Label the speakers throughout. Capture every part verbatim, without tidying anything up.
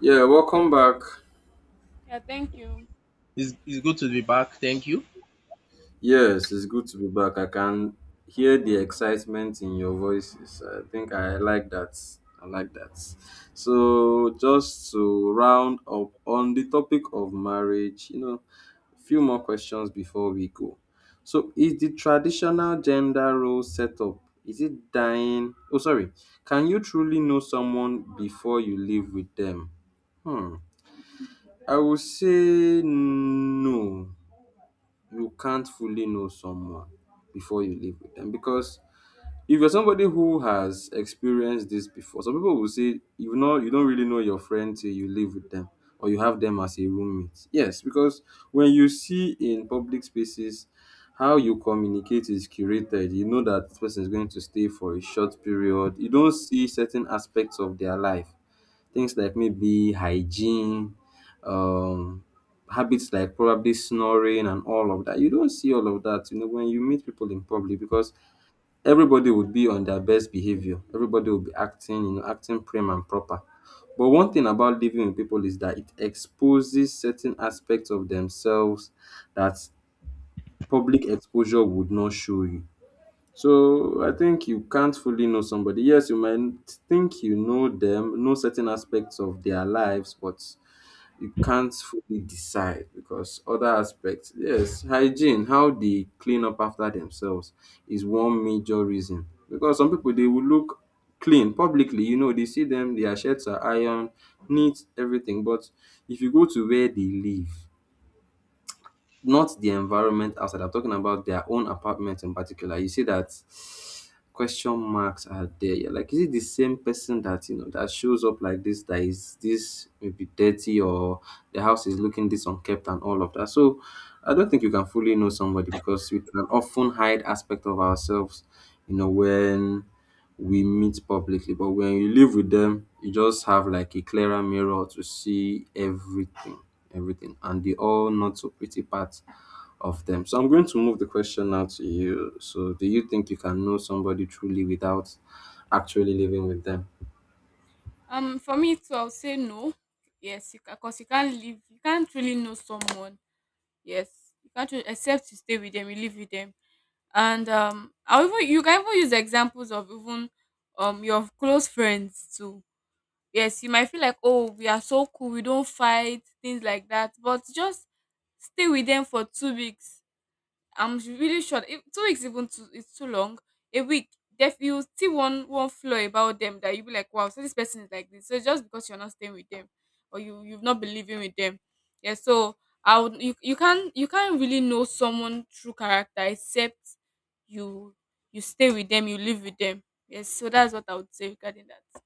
Speaker 1: Yeah, welcome back.
Speaker 2: Yeah, thank you.
Speaker 3: It's, it's good to be back. Thank you.
Speaker 1: Yes, it's good to be back. I can hear the excitement in your voices. I think I like that. I like that. So, just to round up on the topic of marriage, you know, few more questions before we go. So, is the traditional gender role setup, is it dying? Oh, sorry. Can you truly know someone before you live with them? Hmm. I would say no. You can't fully know someone before you live with them, because if you're somebody who has experienced this before, some people will say, you know, you don't really know your friend till you live with them or you have them as a roommate. Yes, because when you see in public spaces, how you communicate is curated. You know that this person is going to stay for a short period. You don't see certain aspects of their life. Things like maybe hygiene, um, habits like probably snoring and all of that. You don't see all of that, you know, when you meet people in public, because everybody would be on their best behavior. Everybody will be acting, you know, acting prim and proper. But one thing about living with people is that it exposes certain aspects of themselves that public exposure would not show you. So I think you can't fully know somebody. Yes, you might think you know them, know certain aspects of their lives, but you can't fully decide, because other aspects, yes, hygiene, how they clean up after themselves is one major reason. Because some people, they will look clean publicly. You know, they see them, their shirts are iron, neat, everything. But if you go to where they live, not the environment outside. I'm talking about their own apartment in particular. You see that question marks are there. You're like, is it the same person that you know that shows up like this? That is this maybe dirty, or the house is looking this unkept and all of that. So I don't think you can fully know somebody, because we can often hide aspect of ourselves. You know, when we meet publicly. But when you live with them, you just have like a clearer mirror to see everything, everything, and the all not so pretty parts of them. So I'm going to move the question now to you. So, do you think you can know somebody truly without actually living with them?
Speaker 2: Um, for me too, I'll say no. Yes, you because you can't live. You can't really know someone. Yes, you can't really, except you stay with them, you live with them, and um, I even you can even use examples of even um your close friends too. Yes, you might feel like, oh, we are so cool, we don't fight things like that, but just stay with them for two weeks. I'm s- really sure if two weeks even too, it's too long. A week, def you see one one flaw about them that you be like, wow, so this person is like this. So just because you're not staying with them or you you've not been living with them, yeah. So I would you you can't you can't really know someone true character except you you stay with them, you live with them. Yes, so that's what I would say regarding that.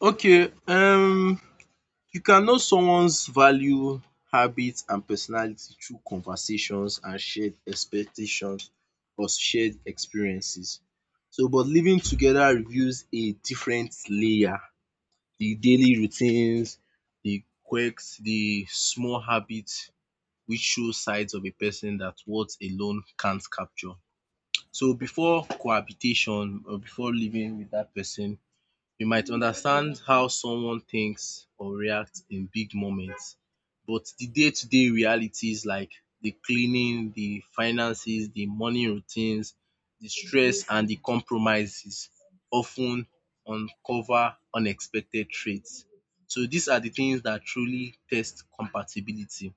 Speaker 3: Okay. Um, you can know someone's value, habits, and personality through conversations and shared expectations or shared experiences. So, but living together reveals a different layer. The daily routines, the quirks, the small habits which show sides of a person that words alone can't capture. So, before cohabitation or before living with that person, you might understand how someone thinks or reacts in big moments, but the day to day realities like the cleaning, the finances, the morning routines, the stress, and the compromises often uncover unexpected traits. So, these are the things that truly test compatibility.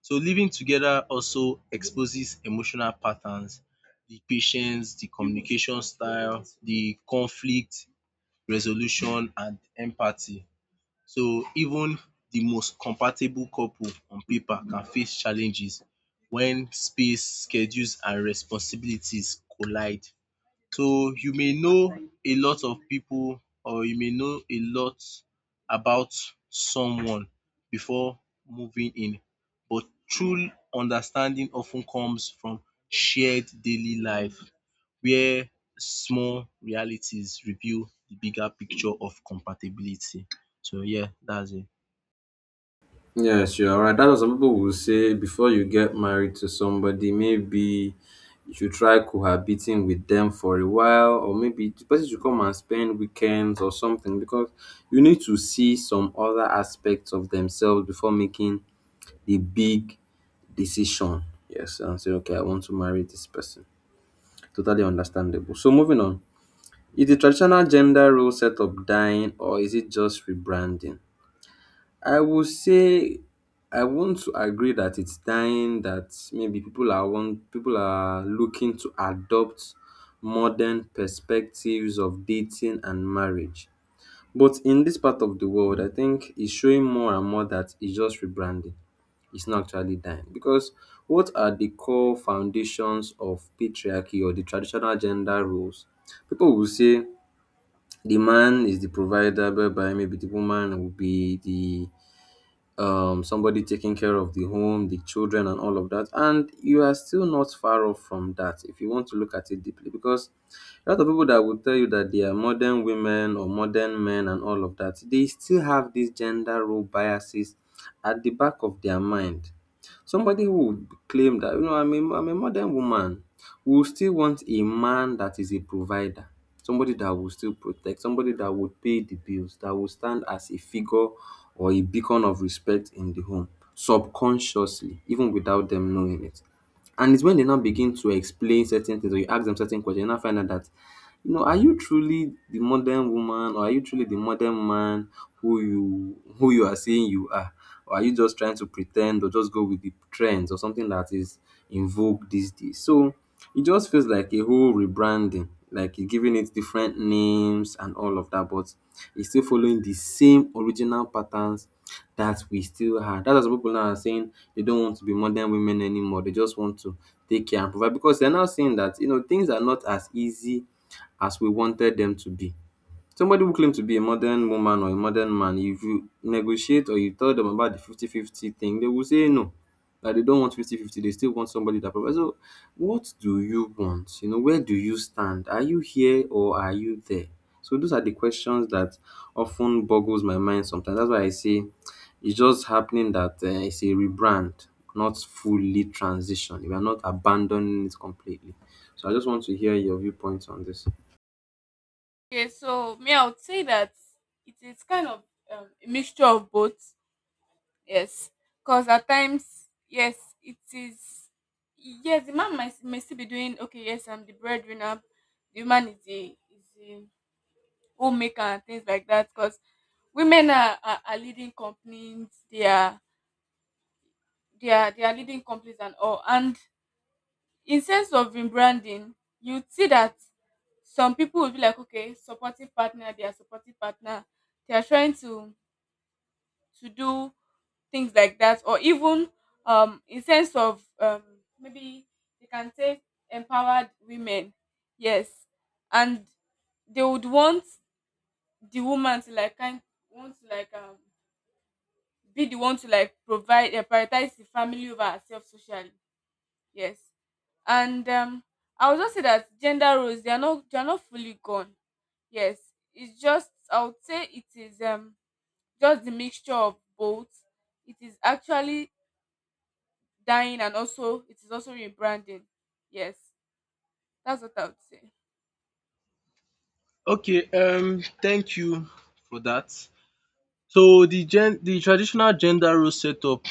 Speaker 3: So, living together also exposes emotional patterns, the patience, the communication style, the conflict, resolution and empathy. So even the most compatible couple on paper can face challenges when space, schedules and responsibilities collide. So you may know a lot of people, or you may know a lot about someone before moving in, but true understanding often comes from shared daily life where small realities reveal the bigger picture of compatibility. So yeah, that's it.
Speaker 1: Yes, you are right. That's what some people will say, before you get married to somebody, maybe you should try cohabiting with them for a while, or maybe the person should come and spend weekends or something, because you need to see some other aspects of themselves before making the big decision. Yes, and say, okay, I want to marry this person. Totally understandable. So, moving on. Is the traditional gender role setup dying, or is it just rebranding? I would say, I want to agree that it's dying, that maybe people are want people are looking to adopt modern perspectives of dating and marriage. But in this part of the world, I think it's showing more and more that it's just rebranding. It's not actually dying. Because what are the core foundations of patriarchy or the traditional gender roles? People will say the man is the provider, whereby maybe the woman will be the um, somebody taking care of the home, the children, and all of that. And you are still not far off from that if you want to look at it deeply. Because a lot of people that will tell you that they are modern women or modern men and all of that, they still have these gender role biases at the back of their mind. Somebody who would claim that, you know, I'm a, I'm a modern woman, we will still want a man that is a provider, somebody that will still protect, somebody that will pay the bills, that will stand as a figure or a beacon of respect in the home, subconsciously, even without them knowing it. And it's when they now begin to explain certain things, or you ask them certain questions, you now find out that, you know, are you truly the modern woman, or are you truly the modern man who you who you are saying you are? Or are you just trying to pretend or just go with the trends or something that is in vogue these days? So it just feels like a whole rebranding, like you're giving it different names and all of that, but it's still following the same original patterns that we still had. That's why people now are saying they don't want to be modern women anymore. They just want to take care and provide, because they're now saying that, you know, things are not as easy as we wanted them to be. Somebody who claimed to be a modern woman or a modern man, if you negotiate or you tell them about the fifty fifty thing, they will say no. That they don't want fifty fifty. They still want somebody that provides. So, what do you want? You know, where do you stand? Are you here or are you there? So, those are the questions that often boggles my mind sometimes. That's why I say it's just happening that uh, it's a rebrand, not fully transition. We are not abandoning it completely. So, I just want to hear your viewpoints on this.
Speaker 2: Okay, so me, I would say that it is kind of um, a mixture of both. Yes, because at times, yes, it is. Yes, the man might, may still be doing okay. Yes, I'm the breadwinner. The man is the is the homemaker and things like that. Because women are, are, are leading companies. They are they are they are leading companies and all. And in sense of rebranding, you see that some people will be like, okay, supportive partner. They are supportive partner. They are trying to to do things like that, or even um in sense of um maybe they can say empowered women, yes, and they would want the woman to like kind want to like um be the one to like provide, uh, prioritize the family over herself socially, yes. And um I would just say that gender roles, they are not they are not fully gone, yes. It's just, I would say it is um just the mixture of both. It is actually dying and also it is also rebranding. Yes, that's what I would say.
Speaker 3: Okay, um thank you for that. So the gen the traditional gender role setup,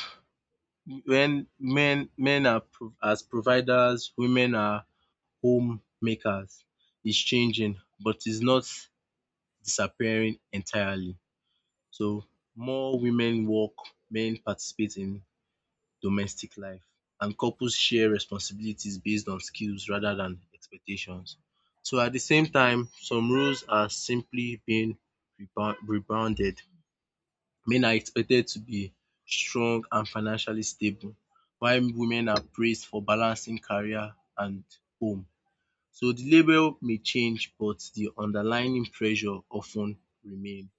Speaker 3: when men men are pro- as providers, women are homemakers, it's changing, but it's not disappearing entirely. So more women work, men participate in domestic life, and couples share responsibilities based on skills rather than expectations. So at the same time, some roles are simply being rebound- rebounded. Men are expected to be strong and financially stable, while women are praised for balancing career and home. So the label may change, but the underlying pressure often ten remain.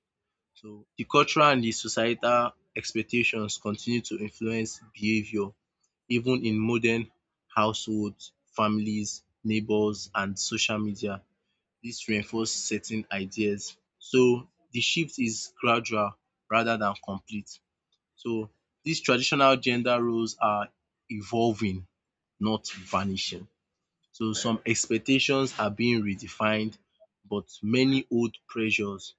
Speaker 3: So the cultural and the societal expectations continue to influence behaviour even in modern households, families, neighbours and social media. This reinforces certain ideas. So the shift is gradual rather than complete. So these traditional gender roles are evolving, not vanishing. So some expectations are being redefined, but many old pressures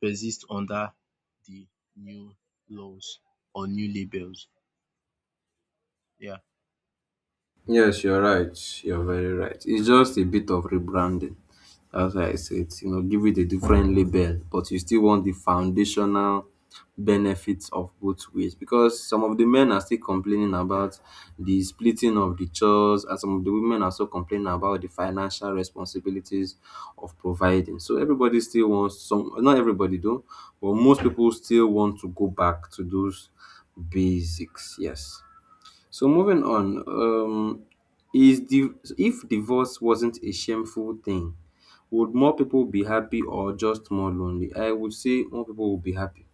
Speaker 3: persist under the new laws or new labels. Yeah.
Speaker 1: Yes, you're right. You're very right. It's just a bit of rebranding. That's why I said, you know, give it a different label, but you still want the foundational benefits of both ways. Because some of the men are still complaining about the splitting of the chores, and some of the women are still complaining about the financial responsibilities of providing. So everybody still wants some, not everybody though, but most people still want to go back to those basics. Yes. So moving on, um, is the, if divorce wasn't a shameful thing, would more people be happy or just more lonely? I would say more people would be happy.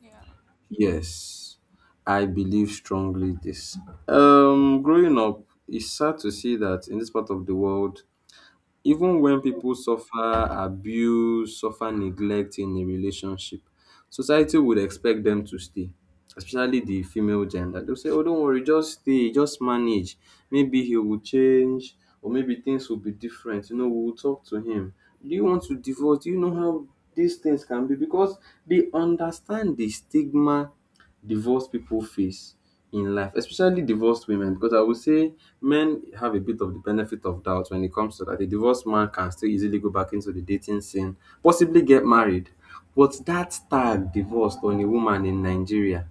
Speaker 2: Yeah, true.
Speaker 1: Yes, I believe strongly this. Um, growing up, it's sad to see that in this part of the world, even when people suffer abuse, suffer neglect in a relationship, society would expect them to stay, especially the female gender. They'll say, oh, don't worry, just stay, just manage. Maybe he will change, or maybe things will be different. You know, we'll talk to him. Do you want to divorce? Do you know how these things can be? Because they understand the stigma divorced people face in life, especially divorced women, because I would say men have a bit of the benefit of doubt when it comes to that. A divorced man can still easily go back into the dating scene, possibly get married. But that tag divorced on a woman in Nigeria,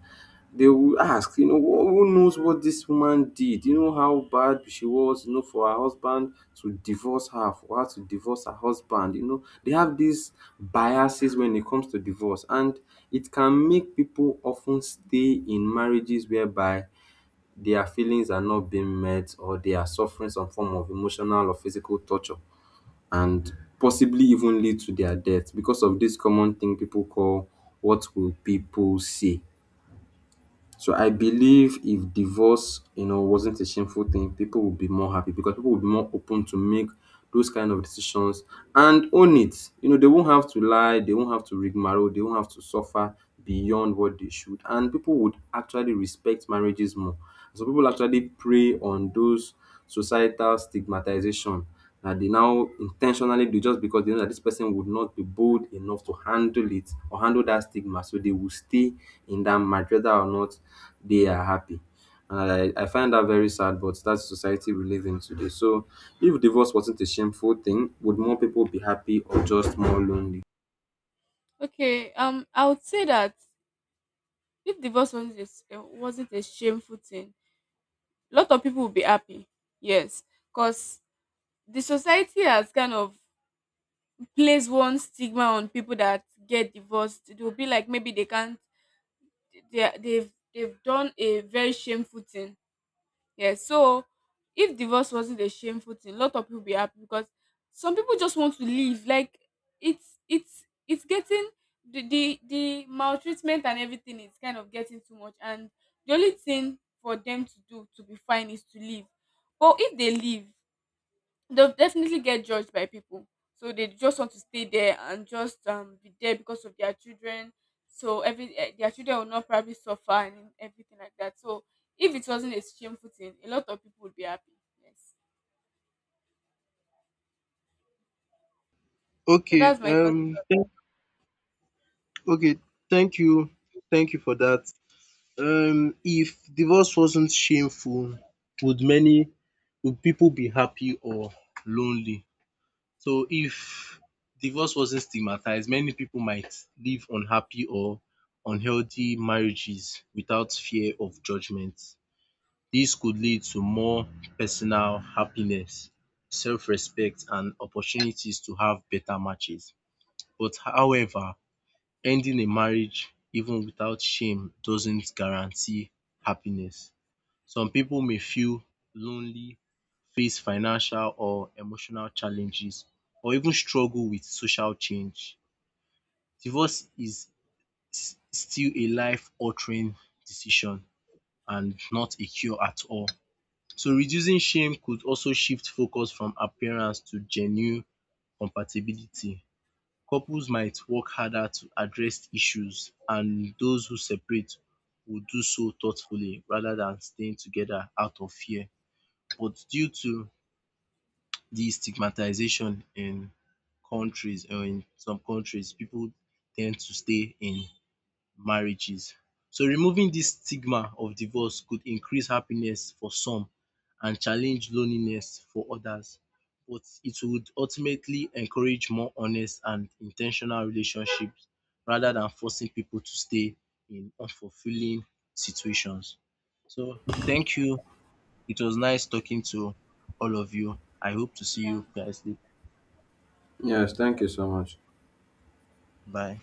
Speaker 1: they will ask, you know, who who knows what this woman did? You know how bad she was, you know, for her husband to divorce her, for her to divorce her husband. You know, they have these biases when it comes to divorce, and it can make people often stay in marriages whereby their feelings are not being met, or they are suffering some form of emotional or physical torture, and possibly even lead to their death, because of this common thing people call, what will people say? So I believe if divorce, you know, wasn't a shameful thing, people would be more happy, because people would be more open to make those kind of decisions and own it. You know, they won't have to lie, they won't have to rigmarole, they won't have to suffer beyond what they should. And people would actually respect marriages more. So people actually prey on those societal stigmatization that they now intentionally do, just because they know that this person would not be bold enough to handle it or handle that stigma. So they will stay in that marriage whether or not they are happy. And I, I find that very sad, but that's society we live in today. So if divorce wasn't a shameful thing, would more people be happy or just more lonely?
Speaker 2: Okay, um, I would say that if divorce wasn't a, s- uh, wasn't a shameful thing, a lot of people would be happy. Yes, because the society has kind of placed one stigma on people that get divorced. They'll be like maybe they can't. They they've they've done a very shameful thing. Yes, so if divorce wasn't a shameful thing, a lot of people be happy because some people just want to leave. Like it's it's it's getting the the, the maltreatment, and everything is kind of getting too much, and the only thing for them to do to be fine is to leave. But if they leave, they'll definitely get judged by people. So they just want to stay there and just um, be there because of their children. So every eh, their children will not probably suffer and everything like that. So if it wasn't a shameful thing, a lot of people would be happy. Yes. So
Speaker 3: Okay.
Speaker 2: that's my thought
Speaker 3: Um.
Speaker 2: about
Speaker 3: thank- Okay. Thank you. Thank you for that. Um. If divorce wasn't shameful, would many would people be happy or lonely? So if divorce wasn't stigmatized, many people might live unhappy or unhealthy marriages without fear of judgment. This could lead to more personal happiness, self-respect, and opportunities to have better matches. But however, ending a marriage even without shame doesn't guarantee happiness. Some people may feel lonely, face financial or emotional challenges, or even struggle with social change. Divorce is s- still a life altering decision and not a cure at all. So reducing shame could also shift focus from appearance to genuine compatibility. Couples might work harder to address issues, and those who separate will do so thoughtfully rather than staying together out of fear, but due to the stigmatization in countries, or in some countries, people tend to stay in marriages. So removing this stigma of divorce could increase happiness for some and challenge loneliness for others. But it would ultimately encourage more honest and intentional relationships rather than forcing people to stay in unfulfilling situations. So thank you, it was nice talking to all of you. I hope to see you
Speaker 2: it.
Speaker 3: guys later.
Speaker 1: Yes, thank
Speaker 2: Yeah.
Speaker 1: you so much.
Speaker 3: Bye.